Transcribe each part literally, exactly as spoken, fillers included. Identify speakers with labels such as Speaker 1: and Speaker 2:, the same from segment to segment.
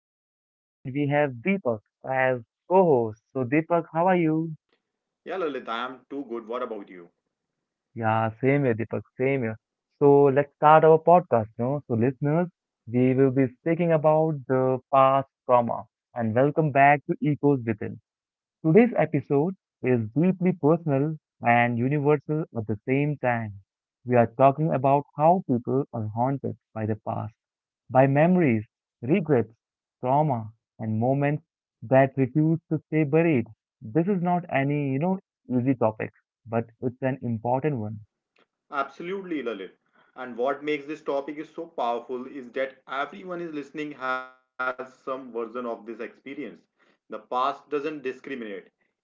Speaker 1: Lalit, and we have Deepak as co-host. So, Deepak, how are you?
Speaker 2: Yeah, Lalit, I am too good. What about you?
Speaker 1: Yeah, same here, Deepak, same here. So, let's start our podcast. No, so listeners, we will be speaking about the past trauma. And welcome back to Echoes Within. Today's episode is deeply personal and universal at the same time. We are talking about how people are haunted by the past, by memories, regrets, trauma, and moments that refuse to stay buried. This is not any, you know, easy topic, but it's an important one.
Speaker 2: Absolutely, Lalit. And what makes this topic is so powerful is that everyone is listening has some version of this experience. The past doesn't discriminate.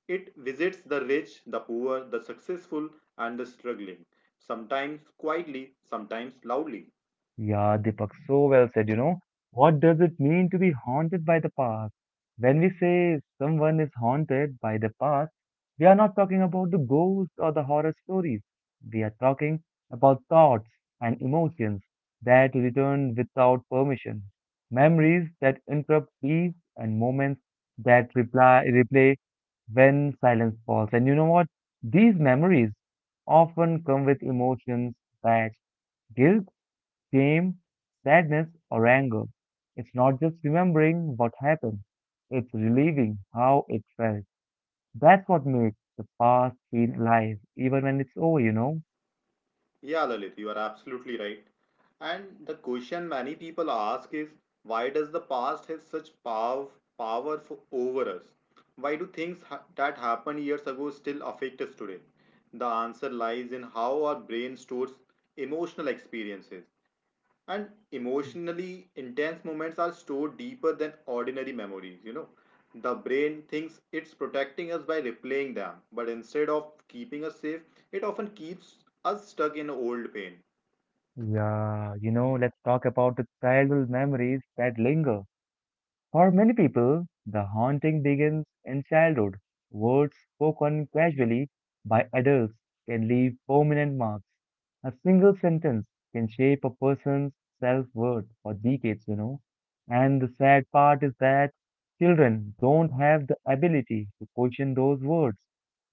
Speaker 2: It visits the rich, the poor, the successful, and the struggling. Sometimes quietly, sometimes loudly.
Speaker 1: Yeah, Deepak, so well said, you know. What does it mean to be haunted by the past? When we say someone is haunted by the past, we are not talking about the ghosts or the horror stories. We are talking about thoughts and emotions that return without permission, memories that interrupt peace, and moments that reply, replay when silence falls. And you know what? These memories often come with emotions that guilt, shame, sadness, or anger. It's not just remembering what happened, it's relieving how it felt. That's what makes the past feel alive, even when it's over, you know?
Speaker 2: Yeah, Lalit, you are absolutely right. And the question many people ask is why does the past have such pow- power for, over us? Why do things ha- that happened years ago still affect us today? The answer lies in how our brain stores emotional experiences, and emotionally intense moments are stored deeper than ordinary memories. You know the brain thinks it's protecting us by replaying them, but instead of keeping us safe, it often keeps us stuck in old pain.
Speaker 1: Yeah, you know, let's talk about the childhood memories that linger. For many people, the haunting begins in childhood. Words spoken casually by adults can leave permanent marks. A single sentence can shape a person's self worth for decades, you know. And the sad part is that children don't have the ability to question those words,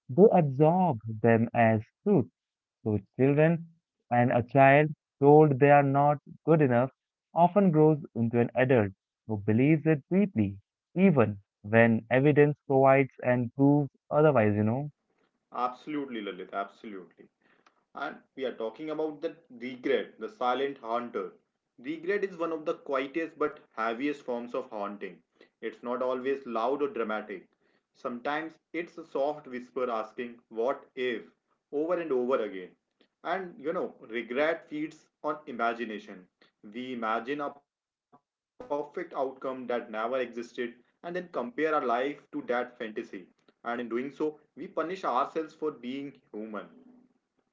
Speaker 1: they absorb them as truth. So children and a child told they are not good enough often grows into an adult who believes it deeply, even when evidence provides and proves otherwise, you know.
Speaker 2: Absolutely, Lalit, absolutely. And we are talking about the regret, the silent haunter. Regret is one of the quietest but heaviest forms of haunting. It's not always loud or dramatic. Sometimes it's a soft whisper asking, "What if?" over and over again. And you know, regret feeds on imagination. We imagine a perfect outcome that never existed and then compare our life to that fantasy. And in doing so, we punish ourselves for being human.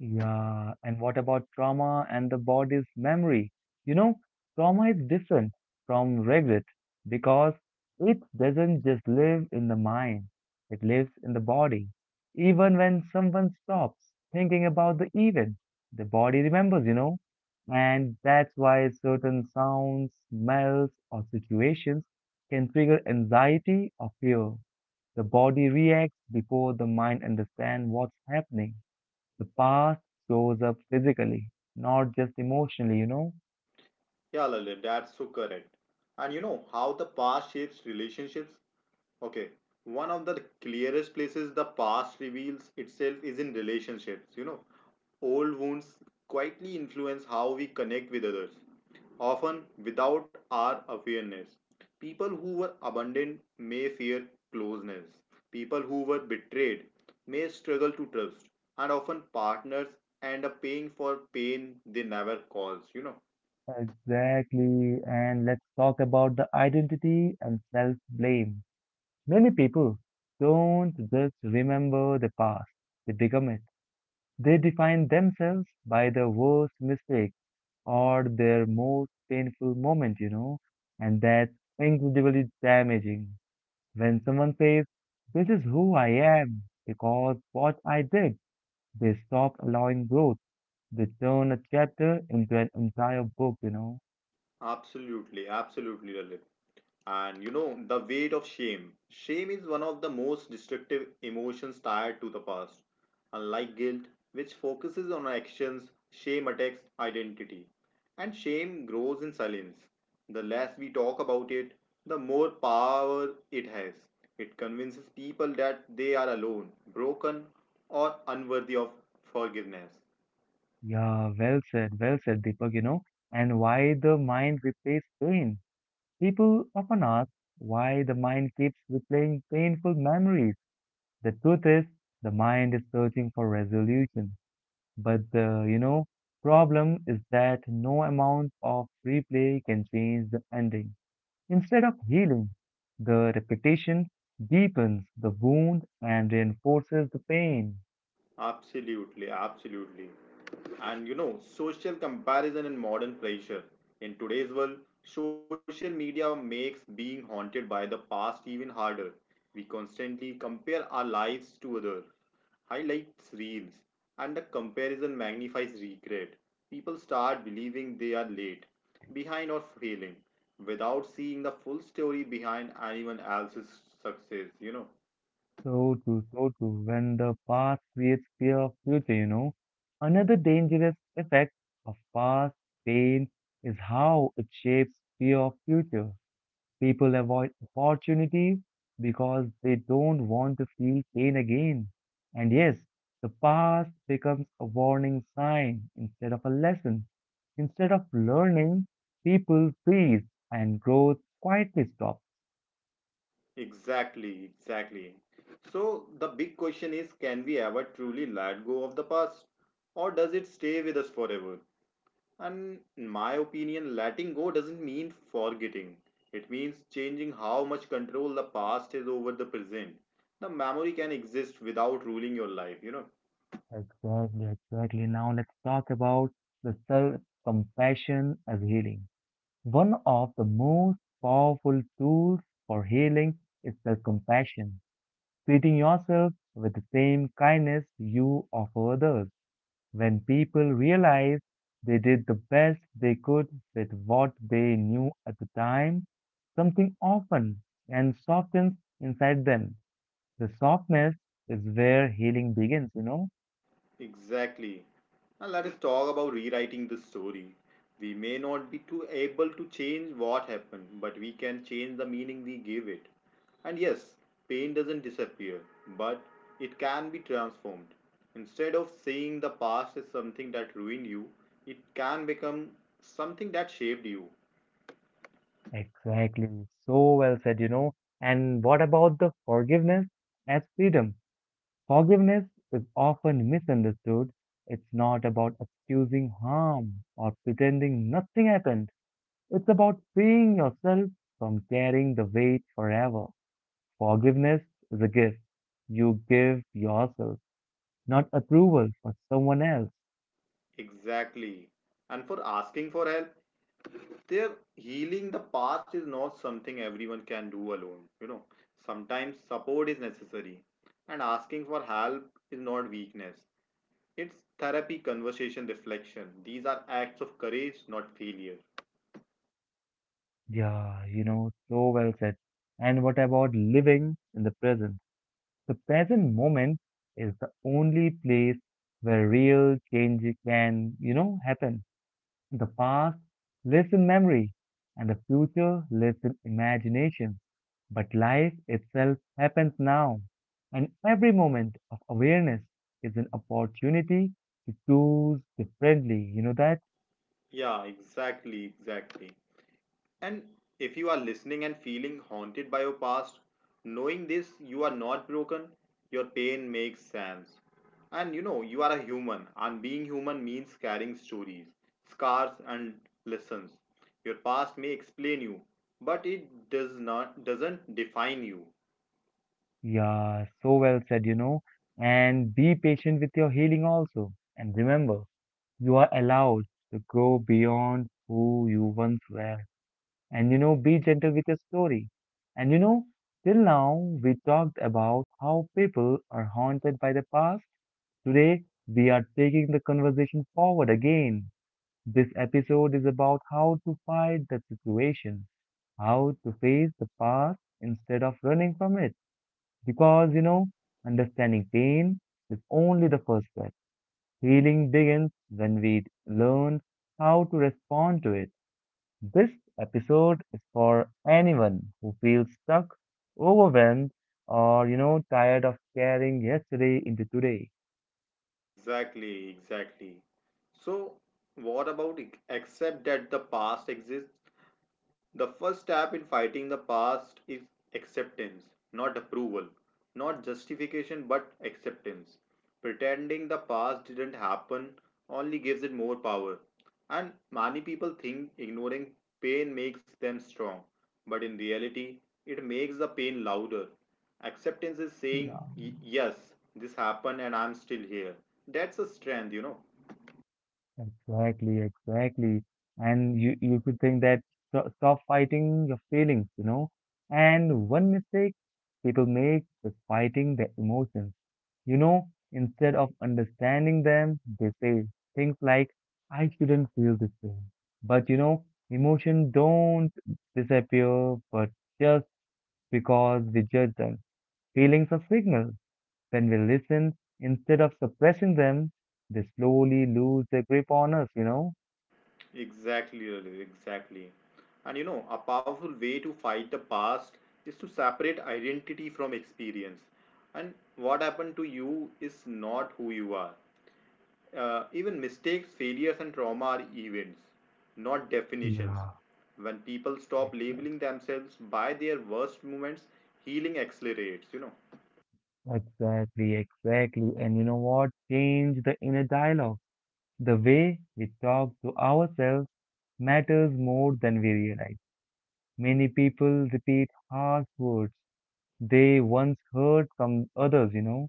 Speaker 1: Yeah, and what about trauma and the body's memory? You know, trauma is different from regret because it doesn't just live in the mind, it lives in the body. Even when someone stops thinking about the event, the body remembers, you know, and that's why certain sounds, smells, or situations can trigger anxiety or fear. The body reacts before the mind understands what's happening. The past shows up physically, not just emotionally, you know?
Speaker 2: Yeah, Lalit, that's so correct. And you know how the past shapes relationships? Okay, one of the clearest places the past reveals itself is in relationships. You know, old wounds quietly influence how we connect with others, often without our awareness. People who were abandoned may fear closeness. People who were betrayed may struggle to trust. And often partners end up paying for pain they never caused, you know.
Speaker 1: Exactly. And let's talk about the identity and self-blame. Many people don't just remember the past, they become it. They define themselves by their worst mistake or their most painful moment, you know, and that's incredibly damaging. When someone says, "This is who I am because what I did," they stop allowing growth. They turn a chapter into an entire book, you know.
Speaker 2: Absolutely, absolutely, Lalit. And you know, the weight of shame. Shame is one of the most destructive emotions tied to the past. Unlike guilt, which focuses on actions, shame attacks identity. And shame grows in silence. The less we talk about it, the more power it has. It convinces people that they are alone, broken, or unworthy of forgiveness.
Speaker 1: Yeah, well said, well said, Deepak, you know. And why the mind replays pain? People often ask why the mind keeps replaying painful memories. The truth is, the mind is searching for resolution. But the, you know, problem is that no amount of replay can change the ending. Instead of healing, the repetition deepens the wound and reinforces the pain.
Speaker 2: Absolutely, absolutely. And you know, social comparison and modern pressure. In today's world, social media makes being haunted by the past even harder. We constantly compare our lives to others, highlights reels, and the comparison magnifies regret. People start believing they are late, behind, or failing, without seeing the full story behind anyone else's success, you know.
Speaker 1: So true, so true. When the past creates fear of future, you know. Another dangerous effect of past pain is how it shapes fear of future. People avoid opportunities because they don't want to feel pain again. And yes, the past becomes a warning sign instead of a lesson. Instead of learning, people freeze and growth quietly stops.
Speaker 2: Exactly, exactly. So the big question is, can we ever truly let go of the past, or does it stay with us forever? And in my opinion, letting go doesn't mean forgetting. It means changing how much control the past has over the present. The memory can exist without ruling your life, you know.
Speaker 1: Exactly, exactly. Now let's talk about the self-compassion as healing. One of the most powerful tools for healing is self-compassion, treating yourself with the same kindness you offer others. When people realize they did the best they could with what they knew at the time, something often and softens inside them. The softness is where healing begins, you know?
Speaker 2: Exactly. Now let us talk about rewriting the story. We may not be too able to change what happened, but we can change the meaning we give it. And yes, pain doesn't disappear, but it can be transformed. Instead of saying the past is something that ruined you, it can become something that shaped you.
Speaker 1: Exactly. So well said, you know. And what about the forgiveness as freedom? Forgiveness is often misunderstood. It's not about excusing harm or pretending nothing happened. It's about freeing yourself from carrying the weight forever. Forgiveness is a gift you give yourself, not approval for someone else.
Speaker 2: Exactly. And for asking for help, their healing the past is not something everyone can do alone. You know sometimes support is necessary, and asking for help is not weakness. It's therapy, conversation, reflection. These are acts of courage, not failure.
Speaker 1: Yeah, you know, so well said. And what about living in the present? The present moment is the only place where real change can, you know, happen. The past lives in memory and the future lives in imagination. But life itself happens now. And every moment of awareness is an opportunity to choose differently. You know that?
Speaker 2: Yeah, exactly, exactly. And if you are listening and feeling haunted by your past, knowing this, you are not broken, your pain makes sense. And you know, you are a human, and being human means carrying stories, scars, and lessons. Your past may explain you, but it does not doesn't define you.
Speaker 1: Yeah, so well said, you know. And be patient with your healing also. And remember, you are allowed to grow beyond who you once were. And you know, be gentle with your story. And you know, till now we talked about how people are haunted by the past. Today we are taking the conversation forward again. This episode is about how to fight that situation, how to face the past instead of running from it. Because you know, understanding pain is only the first step. Healing begins when we learn how to respond to it. This episode is for anyone who feels stuck, overwhelmed, or you know, tired of carrying yesterday into today.
Speaker 2: Exactly, exactly. So, what about ac- accept that the past exists? The first step in fighting the past is acceptance, not approval, not justification, but acceptance. Pretending the past didn't happen only gives it more power. And many people think ignoring pain makes them strong, but in reality, it makes the pain louder. Acceptance is saying,
Speaker 1: Yeah.
Speaker 2: "Y- Yes, this happened and I'm still here." That's a strength. You know.
Speaker 1: Exactly, exactly. And you you could think that sto- stop fighting your feelings, you know. And one mistake people make is fighting their emotions. You know, instead of understanding them, they say things like, "I shouldn't feel this way." But you know, emotions don't disappear, but just because we judge them. Feelings are signals. When we listen, instead of suppressing them, they slowly lose their grip on us, you know?
Speaker 2: Exactly, Lalit, exactly. And you know, a powerful way to fight the past is to separate identity from experience. And what happened to you is not who you are. Uh, even mistakes, failures, and trauma are events, not definitions.
Speaker 1: Yeah,
Speaker 2: When people stop
Speaker 1: exactly.
Speaker 2: labeling themselves by their worst moments, healing accelerates. You know.
Speaker 1: Exactly, exactly. And you know what? Change the inner dialogue. The way we talk to ourselves matters more than we realize. Many people repeat harsh words they once heard from others, you know,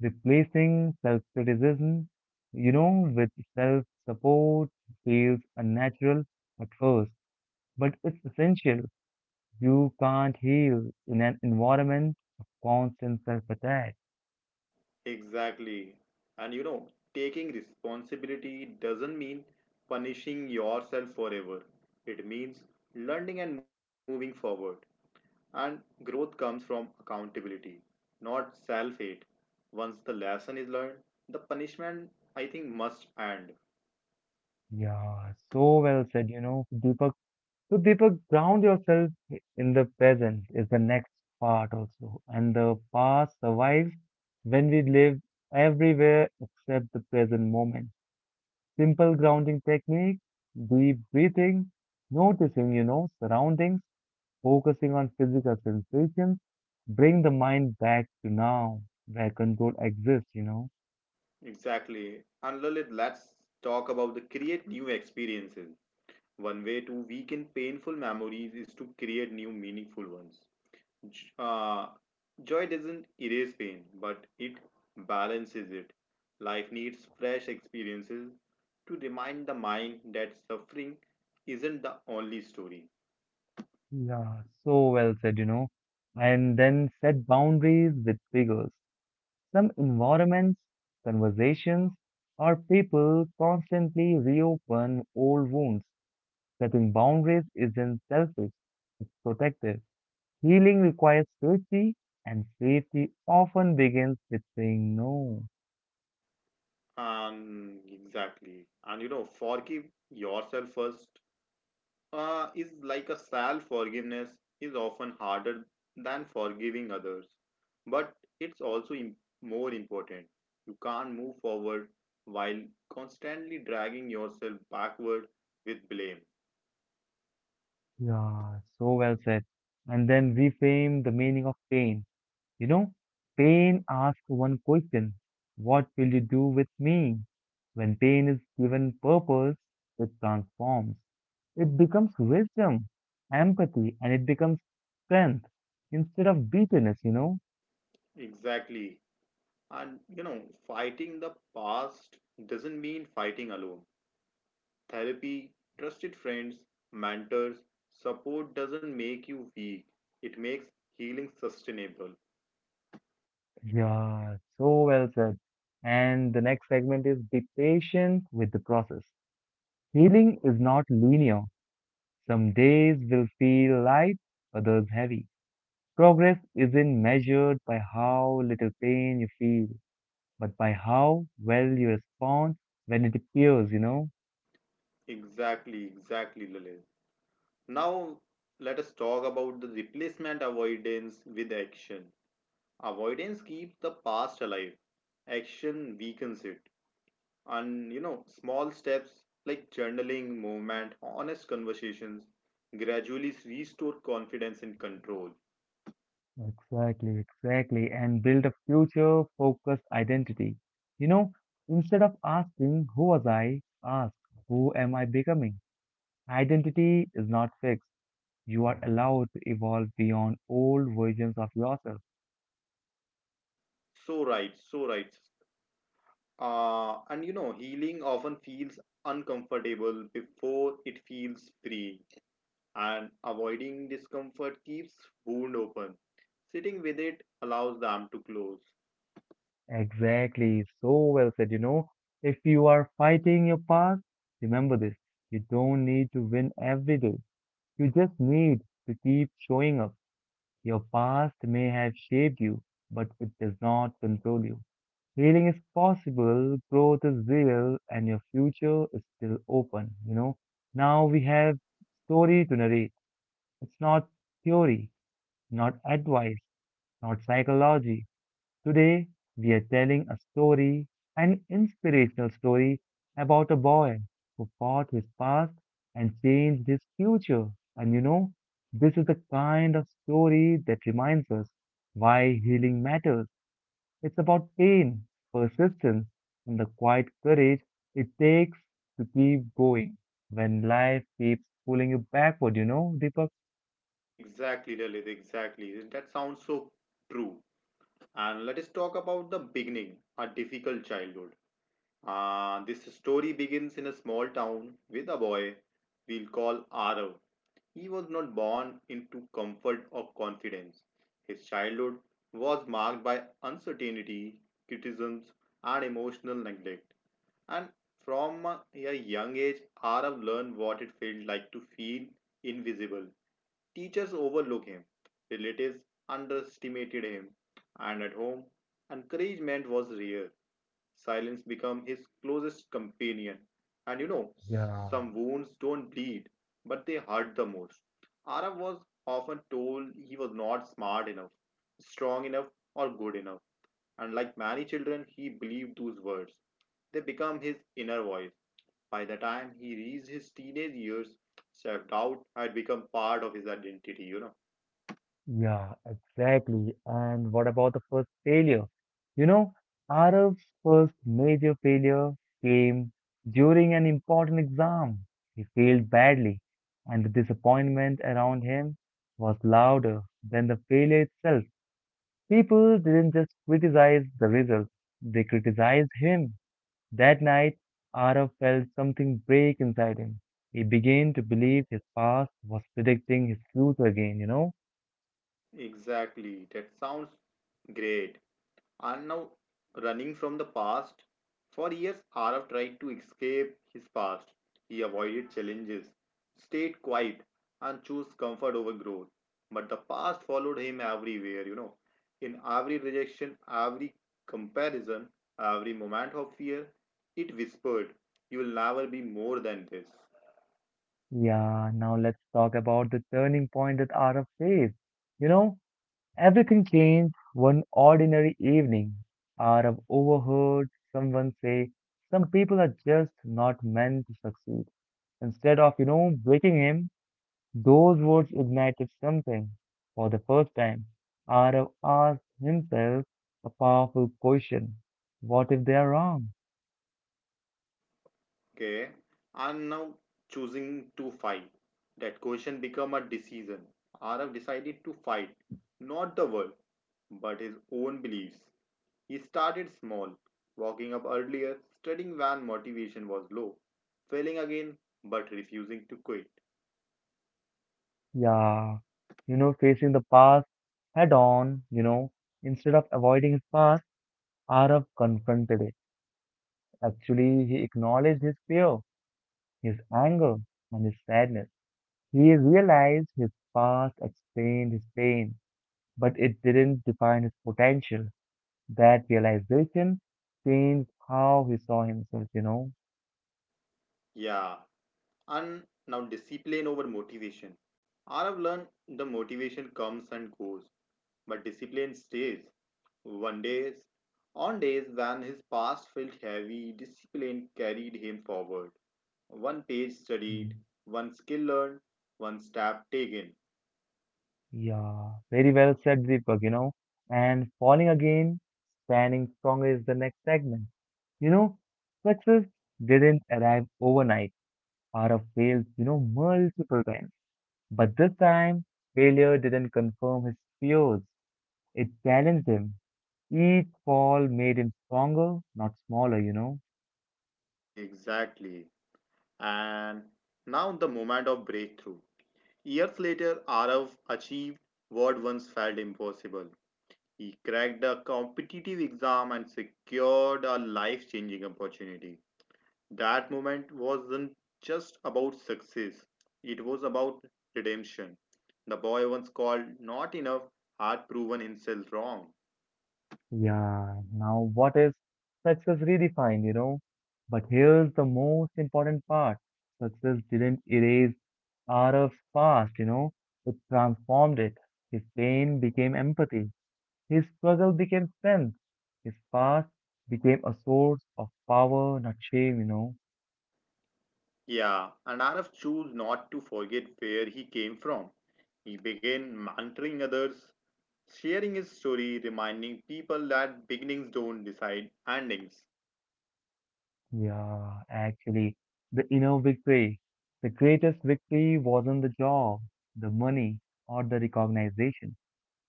Speaker 1: replacing self-criticism, you know, with self-support feels unnatural at first, but it's essential. You can't heal in an environment of constant self-attack.
Speaker 2: Exactly. And you know, taking responsibility doesn't mean punishing yourself forever. It means learning and moving forward. And growth comes from accountability, not self hate. Once the lesson is learned, the punishment, I think, must end.
Speaker 1: Yeah, so well said, you know, Deepak. So, Deepak, ground yourself in the present is the next part also. And the past survives when we live everywhere except the present moment. Simple grounding technique, deep breathing, noticing, you know, surroundings, focusing on physical sensations, bring the mind back to now where control exists, you know.
Speaker 2: Exactly. And Lalit, let's talk about the create new experiences. One way to weaken painful memories is to create new meaningful ones. J- Uh, joy doesn't erase pain, but it balances it. Life needs fresh experiences to remind the mind that suffering isn't the only story.
Speaker 1: Yeah, so well said, you know. And then set boundaries with figures. Some environments, conversations, or people constantly reopen old wounds. Setting boundaries isn't selfish, it's protective. Healing requires safety, and safety often begins with saying no.
Speaker 2: And exactly. And you know, forgive yourself first, uh, is like a self forgiveness is often harder than forgiving others, but it's also im- more important. You can't move forward while constantly dragging yourself backward with blame.
Speaker 1: Yeah, so well said. And then reframe the meaning of pain. You know, pain asks one question. What will you do with me? When pain is given purpose, it transforms. It becomes wisdom, empathy, and it becomes strength instead of bitterness, you know?
Speaker 2: Exactly. And you know fighting the past doesn't mean fighting alone. Therapy, trusted friends, mentors, support doesn't make you weak, it makes healing sustainable.
Speaker 1: Yeah, so well said. And the next segment is be patient with the process. Healing is not linear. Some days will feel light, others heavy. Progress isn't measured by how little pain you feel, but by how well you respond when it appears, you know?
Speaker 2: Exactly, exactly, Lalit. Now, let us talk about the replacement avoidance with action. Avoidance keeps the past alive, action weakens it. And you know, small steps like journaling, movement, honest conversations gradually restore confidence and control.
Speaker 1: Exactly, exactly. And build a future focused identity. You know, instead of asking, who was I? Ask, who am I becoming? Identity is not fixed. You are allowed to evolve beyond old versions of yourself.
Speaker 2: So right, so right. Uh, and you know, healing often feels uncomfortable before it feels free, and avoiding discomfort keeps wound open. Sitting with it allows them to close.
Speaker 1: Exactly. So well said, you know. If you are fighting your past, remember this. You don't need to win every day. You just need to keep showing up. Your past may have shaped you, but it does not control you. Healing is possible, growth is real, and your future is still open. You know, now we have story to narrate. It's not theory, not advice, not psychology. Today, we are telling a story, an inspirational story about a boy who fought his past and changed his future. And you know, this is the kind of story that reminds us why healing matters. It's about pain, persistence, and the quiet courage it takes to keep going when life keeps pulling you backward, you know, Deepak?
Speaker 2: Exactly, Lilith, exactly. That sounds so true. And let us talk about the beginning, a difficult childhood. Uh, this story begins in a small town with a boy we'll call Arav. He was not born into comfort or confidence. His childhood was marked by uncertainty, criticisms, and emotional neglect. And from a young age, Arav learned what it felt like to feel invisible. Teachers overlooked him, relatives underestimated him, and at home encouragement was rare. Silence became his closest companion. And you know
Speaker 1: Yeah.
Speaker 2: some wounds don't bleed, but they hurt the most. Arav was often told he was not smart enough, strong enough, or good enough, and like many children he believed those words. They become his inner voice. By the time he reached his teenage years, self doubt had become part of his identity. You know.
Speaker 1: Yeah, exactly. And what about the first failure? You know, Arab's first major failure came during an important exam. He failed badly, and the disappointment around him was louder than the failure itself. People didn't just criticize the result, they criticized him. That night, Arab felt something break inside him. He began to believe his past was predicting his future again, you know?
Speaker 2: Exactly. That sounds great. Are now running from the past. For years, Arav tried to escape his past. He avoided challenges, stayed quiet, and chose comfort over growth. But the past followed him everywhere. You know. In every rejection, every comparison, every moment of fear, it whispered, "You will never be more than this."
Speaker 1: Yeah, now let's talk about the turning point that Araf faced. You know, everything changed one ordinary evening. Araf overheard someone say, "Some people are just not meant to succeed." Instead of, you know, breaking him, those words ignited something. For the first time, Araf asked himself a powerful question. What if they are wrong?
Speaker 2: Okay? And now choosing to fight. That question became a decision. Arav decided to fight, not the world, but his own beliefs. He started small, walking up earlier, studying when motivation was low, failing again, but refusing to quit.
Speaker 1: Yeah, you know, facing the past head on, you know, instead of avoiding his past, Arav confronted it. Actually, he acknowledged his fear, his anger, and his sadness. He realized his past explained his pain, but it didn't define his potential. That realization changed how he saw himself, you know.
Speaker 2: Yeah, and now discipline over motivation. I have learned the motivation comes and goes, but discipline stays. One days, on days when his past felt heavy, discipline carried him forward. One page studied,
Speaker 1: Hmm.
Speaker 2: one skill learned, one step taken.
Speaker 1: Yeah, very well said, Deepak, you know. And falling again, standing strong is the next segment. You know, success didn't arrive overnight. Aarav failed, you know, multiple times. But this time, failure didn't confirm his fears. It challenged him. Each fall made him stronger, not smaller, you know.
Speaker 2: Exactly. And now the moment of breakthrough. Years later, Arav achieved what once felt impossible. He cracked a competitive exam and secured a life changing opportunity. That moment wasn't just about success, it was about redemption. The boy once called not enough had proven himself wrong.
Speaker 1: Yeah, now what is success redefined, you know? But here's the most important part. Success didn't erase Arav's past, you know, it transformed it. His pain became empathy. His struggle became strength. His past became a source of power, not shame, you know.
Speaker 2: Yeah, and Arav chose not to forget where he came from. He began mentoring others, sharing his story, reminding people that beginnings don't decide endings.
Speaker 1: Yeah, actually, the inner victory. The greatest victory wasn't the job, the money, or the recognition.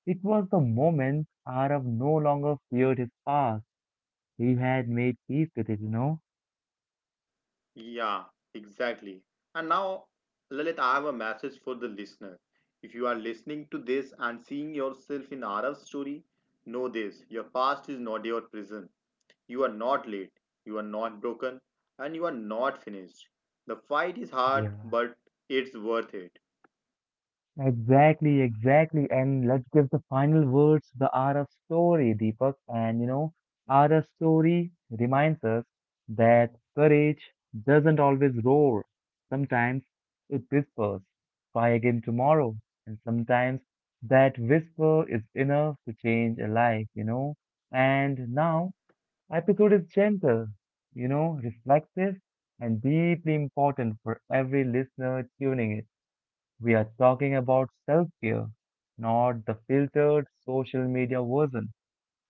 Speaker 1: It was the moment Arav no longer feared his past. He had made peace with it, you know.
Speaker 2: Yeah, exactly. And now, Lalit, I have a message for the listener. If you are listening to this and seeing yourself in Arav's story, know this: your past is not your prison. You are not late, you are not broken, and you are not finished. The fight is hard,
Speaker 1: Yeah.
Speaker 2: but it's worth it.
Speaker 1: Exactly, exactly. And let's give the final words to the hour of story, Deepak. And you know, hour of story reminds us that courage doesn't always roar. Sometimes it whispers, try again tomorrow. And sometimes that whisper is enough to change a life, you know. And now, episode is gentle, you know, reflective and deeply important for every listener tuning in. We are talking about self care, not the filtered social media version,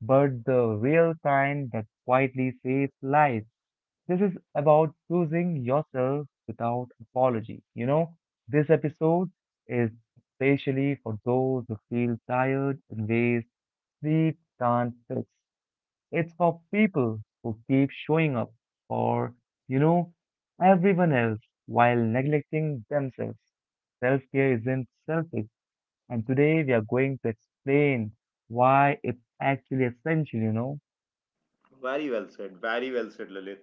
Speaker 1: but the real kind that quietly saves lives. This is about choosing yourself without apology. You know, this episode is especially for those who feel tired in ways sleep can't fix. It's for people who keep showing up for, you know, everyone else while neglecting themselves. Self care isn't selfish, and today we are going to explain why it's actually essential, you know.
Speaker 2: Very well said, very well said, Lalit.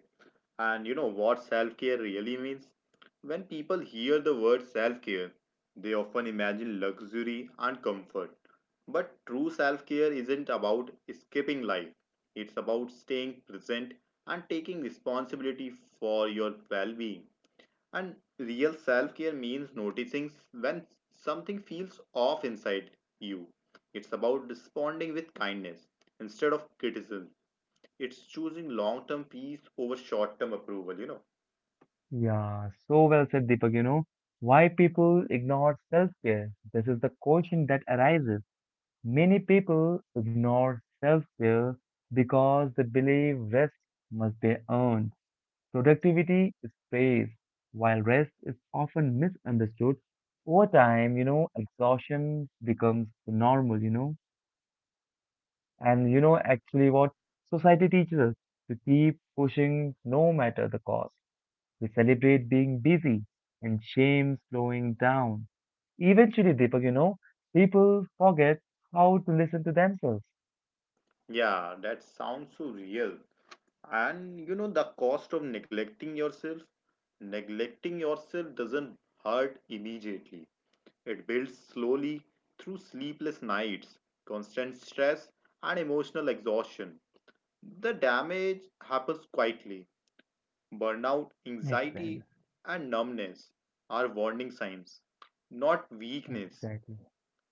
Speaker 2: And you know what self care really means? When people hear the word self care, they often imagine luxury and comfort. But true self care isn't about escaping life, it's about staying present and taking responsibility for your well being. And real self care means noticing when something feels off inside you. It's about responding with kindness instead of criticism. It's choosing long term peace over short term approval. You know.
Speaker 1: Yeah, so well said, Deepak, you know. Why people ignore self-care? This is the question that arises. Many people ignore self-care because they believe rest must be earned. Productivity is praised, while rest is often misunderstood. Over time, you know, exhaustion becomes normal, you know. And you know, actually, what society teaches us to keep pushing no matter the cost. We celebrate being busy and shame slowing down. Eventually, Deepak, you know, people forget how to listen to themselves.
Speaker 2: Yeah, that sounds so real. And you know, the cost of neglecting yourself? Neglecting yourself doesn't hurt immediately. It builds slowly through sleepless nights, constant stress, and emotional exhaustion. The damage happens quietly. Burnout, anxiety,
Speaker 1: Exactly.
Speaker 2: and numbness are warning signs, not weakness.
Speaker 1: Exactly.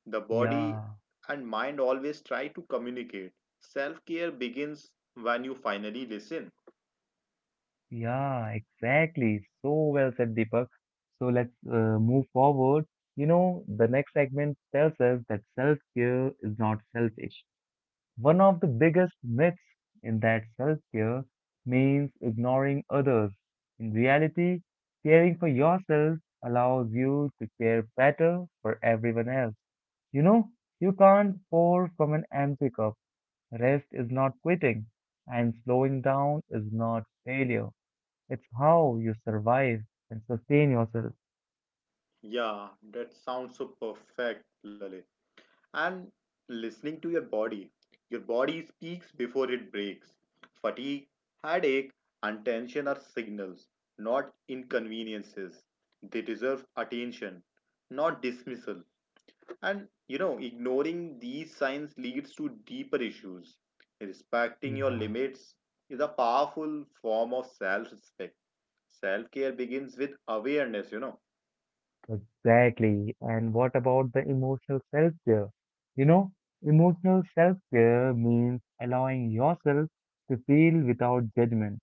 Speaker 2: The body
Speaker 1: Yeah.
Speaker 2: and mind always try to communicate. Self care begins when you finally listen.
Speaker 1: Yeah, exactly. So well said, Deepak. So let's uh, move forward. You know, the next segment tells us that self care is not selfish. One of the biggest myths in that self care means ignoring others. In reality, caring for yourself allows you to care better for everyone else. You know, you can't pour from an empty cup. Rest is not quitting, and slowing down is not failure. It's how you survive and sustain yourself.
Speaker 2: Yeah, that sounds so perfect, Lalit. And listening to your body. Your body speaks before it breaks. Fatigue, headache, and tension are signals, not inconveniences. They deserve attention, not dismissal. And you know, ignoring these signs leads to deeper issues. Respecting your
Speaker 1: Yeah.
Speaker 2: limits is a powerful form of self respect. Self care begins with awareness. You know.
Speaker 1: Exactly. And what about the emotional self-care? You know, Emotional self-care means allowing yourself to feel without judgment.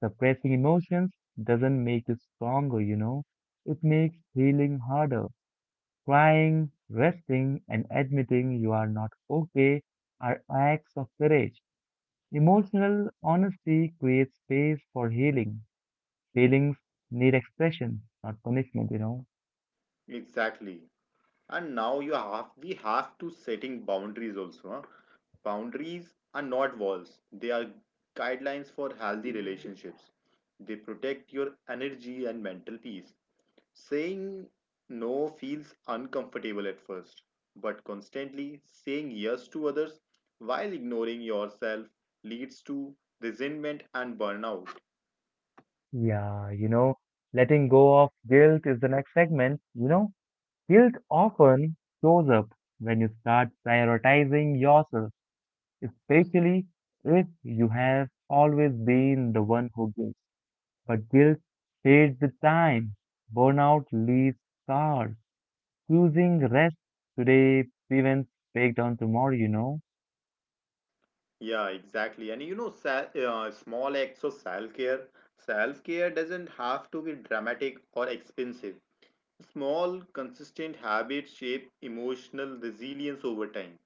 Speaker 1: Suppressing emotions doesn't make you stronger, you know. It makes healing harder. Crying, resting, and admitting you are not okay are acts of courage. Emotional honesty creates space for healing. Feelings need expression, not punishment, you know.
Speaker 2: Exactly. And now you have we have to setting boundaries also. Huh? Boundaries are not walls. They are guidelines for healthy relationships. They protect your energy and mental peace. Saying no feels uncomfortable at first, but constantly saying yes to others while ignoring yourself leads to resentment and burnout.
Speaker 1: Yeah, you know, letting go of guilt is the next segment. You know, guilt often shows up when you start prioritizing yourself, especially if you have always been the one who gives. But guilt fades with time. Burnout leaves scars. Choosing rest today prevents breakdown tomorrow, you know.
Speaker 2: Yeah, exactly. And you know, sa- uh, small acts of self care. Self care doesn't have to be dramatic or expensive. Small, consistent habits shape emotional resilience over time.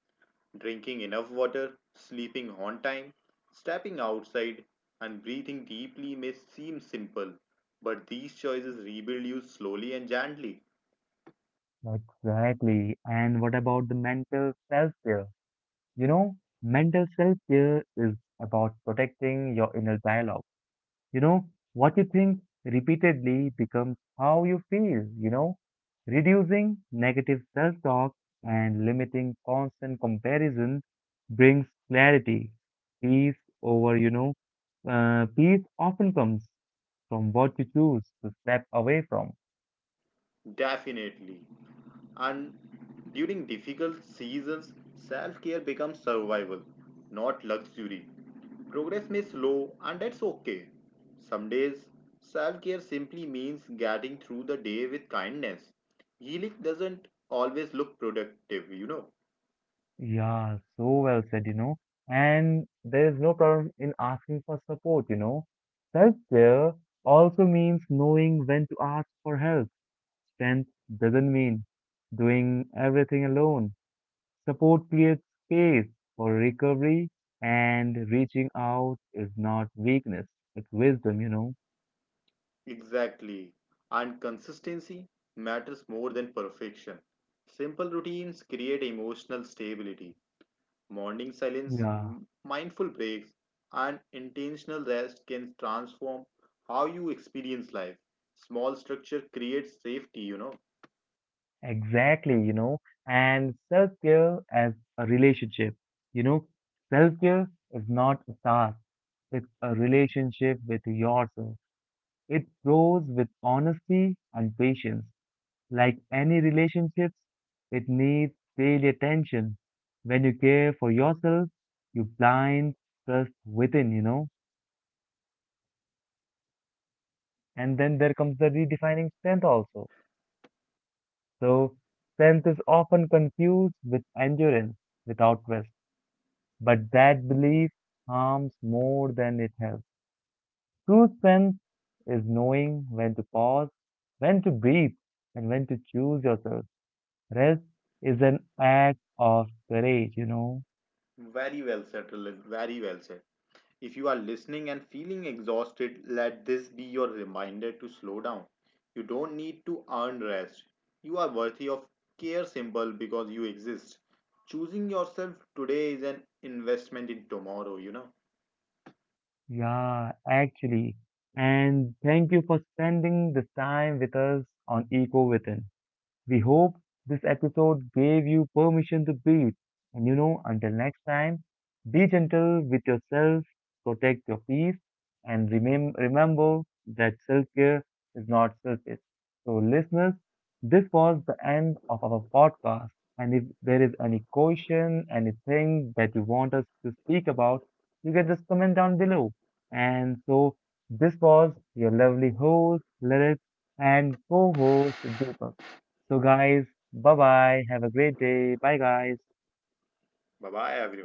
Speaker 2: Drinking enough water, sleeping on time, stepping outside, and breathing deeply may seem simple, but these choices rebuild you slowly and gently.
Speaker 1: Exactly. And what about the mental self-care? You know, Mental self-care is about protecting your inner dialogue. You know, what you think repeatedly becomes how you feel, you know. Reducing negative self-talk and limiting constant comparison brings clarity. Peace over, you know, uh, peace often comes from what you choose to step away from.
Speaker 2: Definitely. And during difficult seasons, self care becomes survival, not luxury. Progress may slow, and that's okay. Some days, self care simply means getting through the day with kindness. Healing doesn't always look productive. You know.
Speaker 1: Yeah, so well said, you know. And there is no problem in asking for support, you know. Self-care also means knowing when to ask for help. Strength doesn't mean doing everything alone. Support creates space for recovery, and reaching out is not weakness, it's wisdom, you know.
Speaker 2: Exactly. And consistency matters more than perfection. Simple routines create emotional stability. Morning silence,
Speaker 1: Yeah.
Speaker 2: m- mindful breaks, and intentional rest can transform how you experience life. Small structure creates safety. You know.
Speaker 1: Exactly, you know, and self care as a relationship. You know, Self care is not a task, it's a relationship with yourself. It grows with honesty and patience. Like any relationships, it needs daily attention. When you care for yourself, you blind trust within, you know, and then there comes the redefining strength also. So, strength is often confused with endurance without rest. But that belief harms more than it helps. True strength is knowing when to pause, when to breathe, and when to choose yourself. Rest is an act of courage, you know.
Speaker 2: Very well said, Lalit, very well said. If you are listening and feeling exhausted, let this be your reminder to slow down. You don't need to earn rest. You are worthy of care symbol because you exist. Choosing yourself today is an investment in tomorrow. You know.
Speaker 1: Yeah, actually. And thank you for spending this time with us on Eco Within. We hope this episode gave you permission to breathe. And you know, until next time, be gentle with yourself, protect your peace, and remem- remember that self care is not selfish. So, listeners, this was the end of our podcast. And if there is any question, anything that you want us to speak about, you can just comment down below. And so, this was your lovely host, Lilith, and co host, Deepak. So, guys, bye bye. Have a great day. Bye, guys.
Speaker 2: Bye bye, everyone.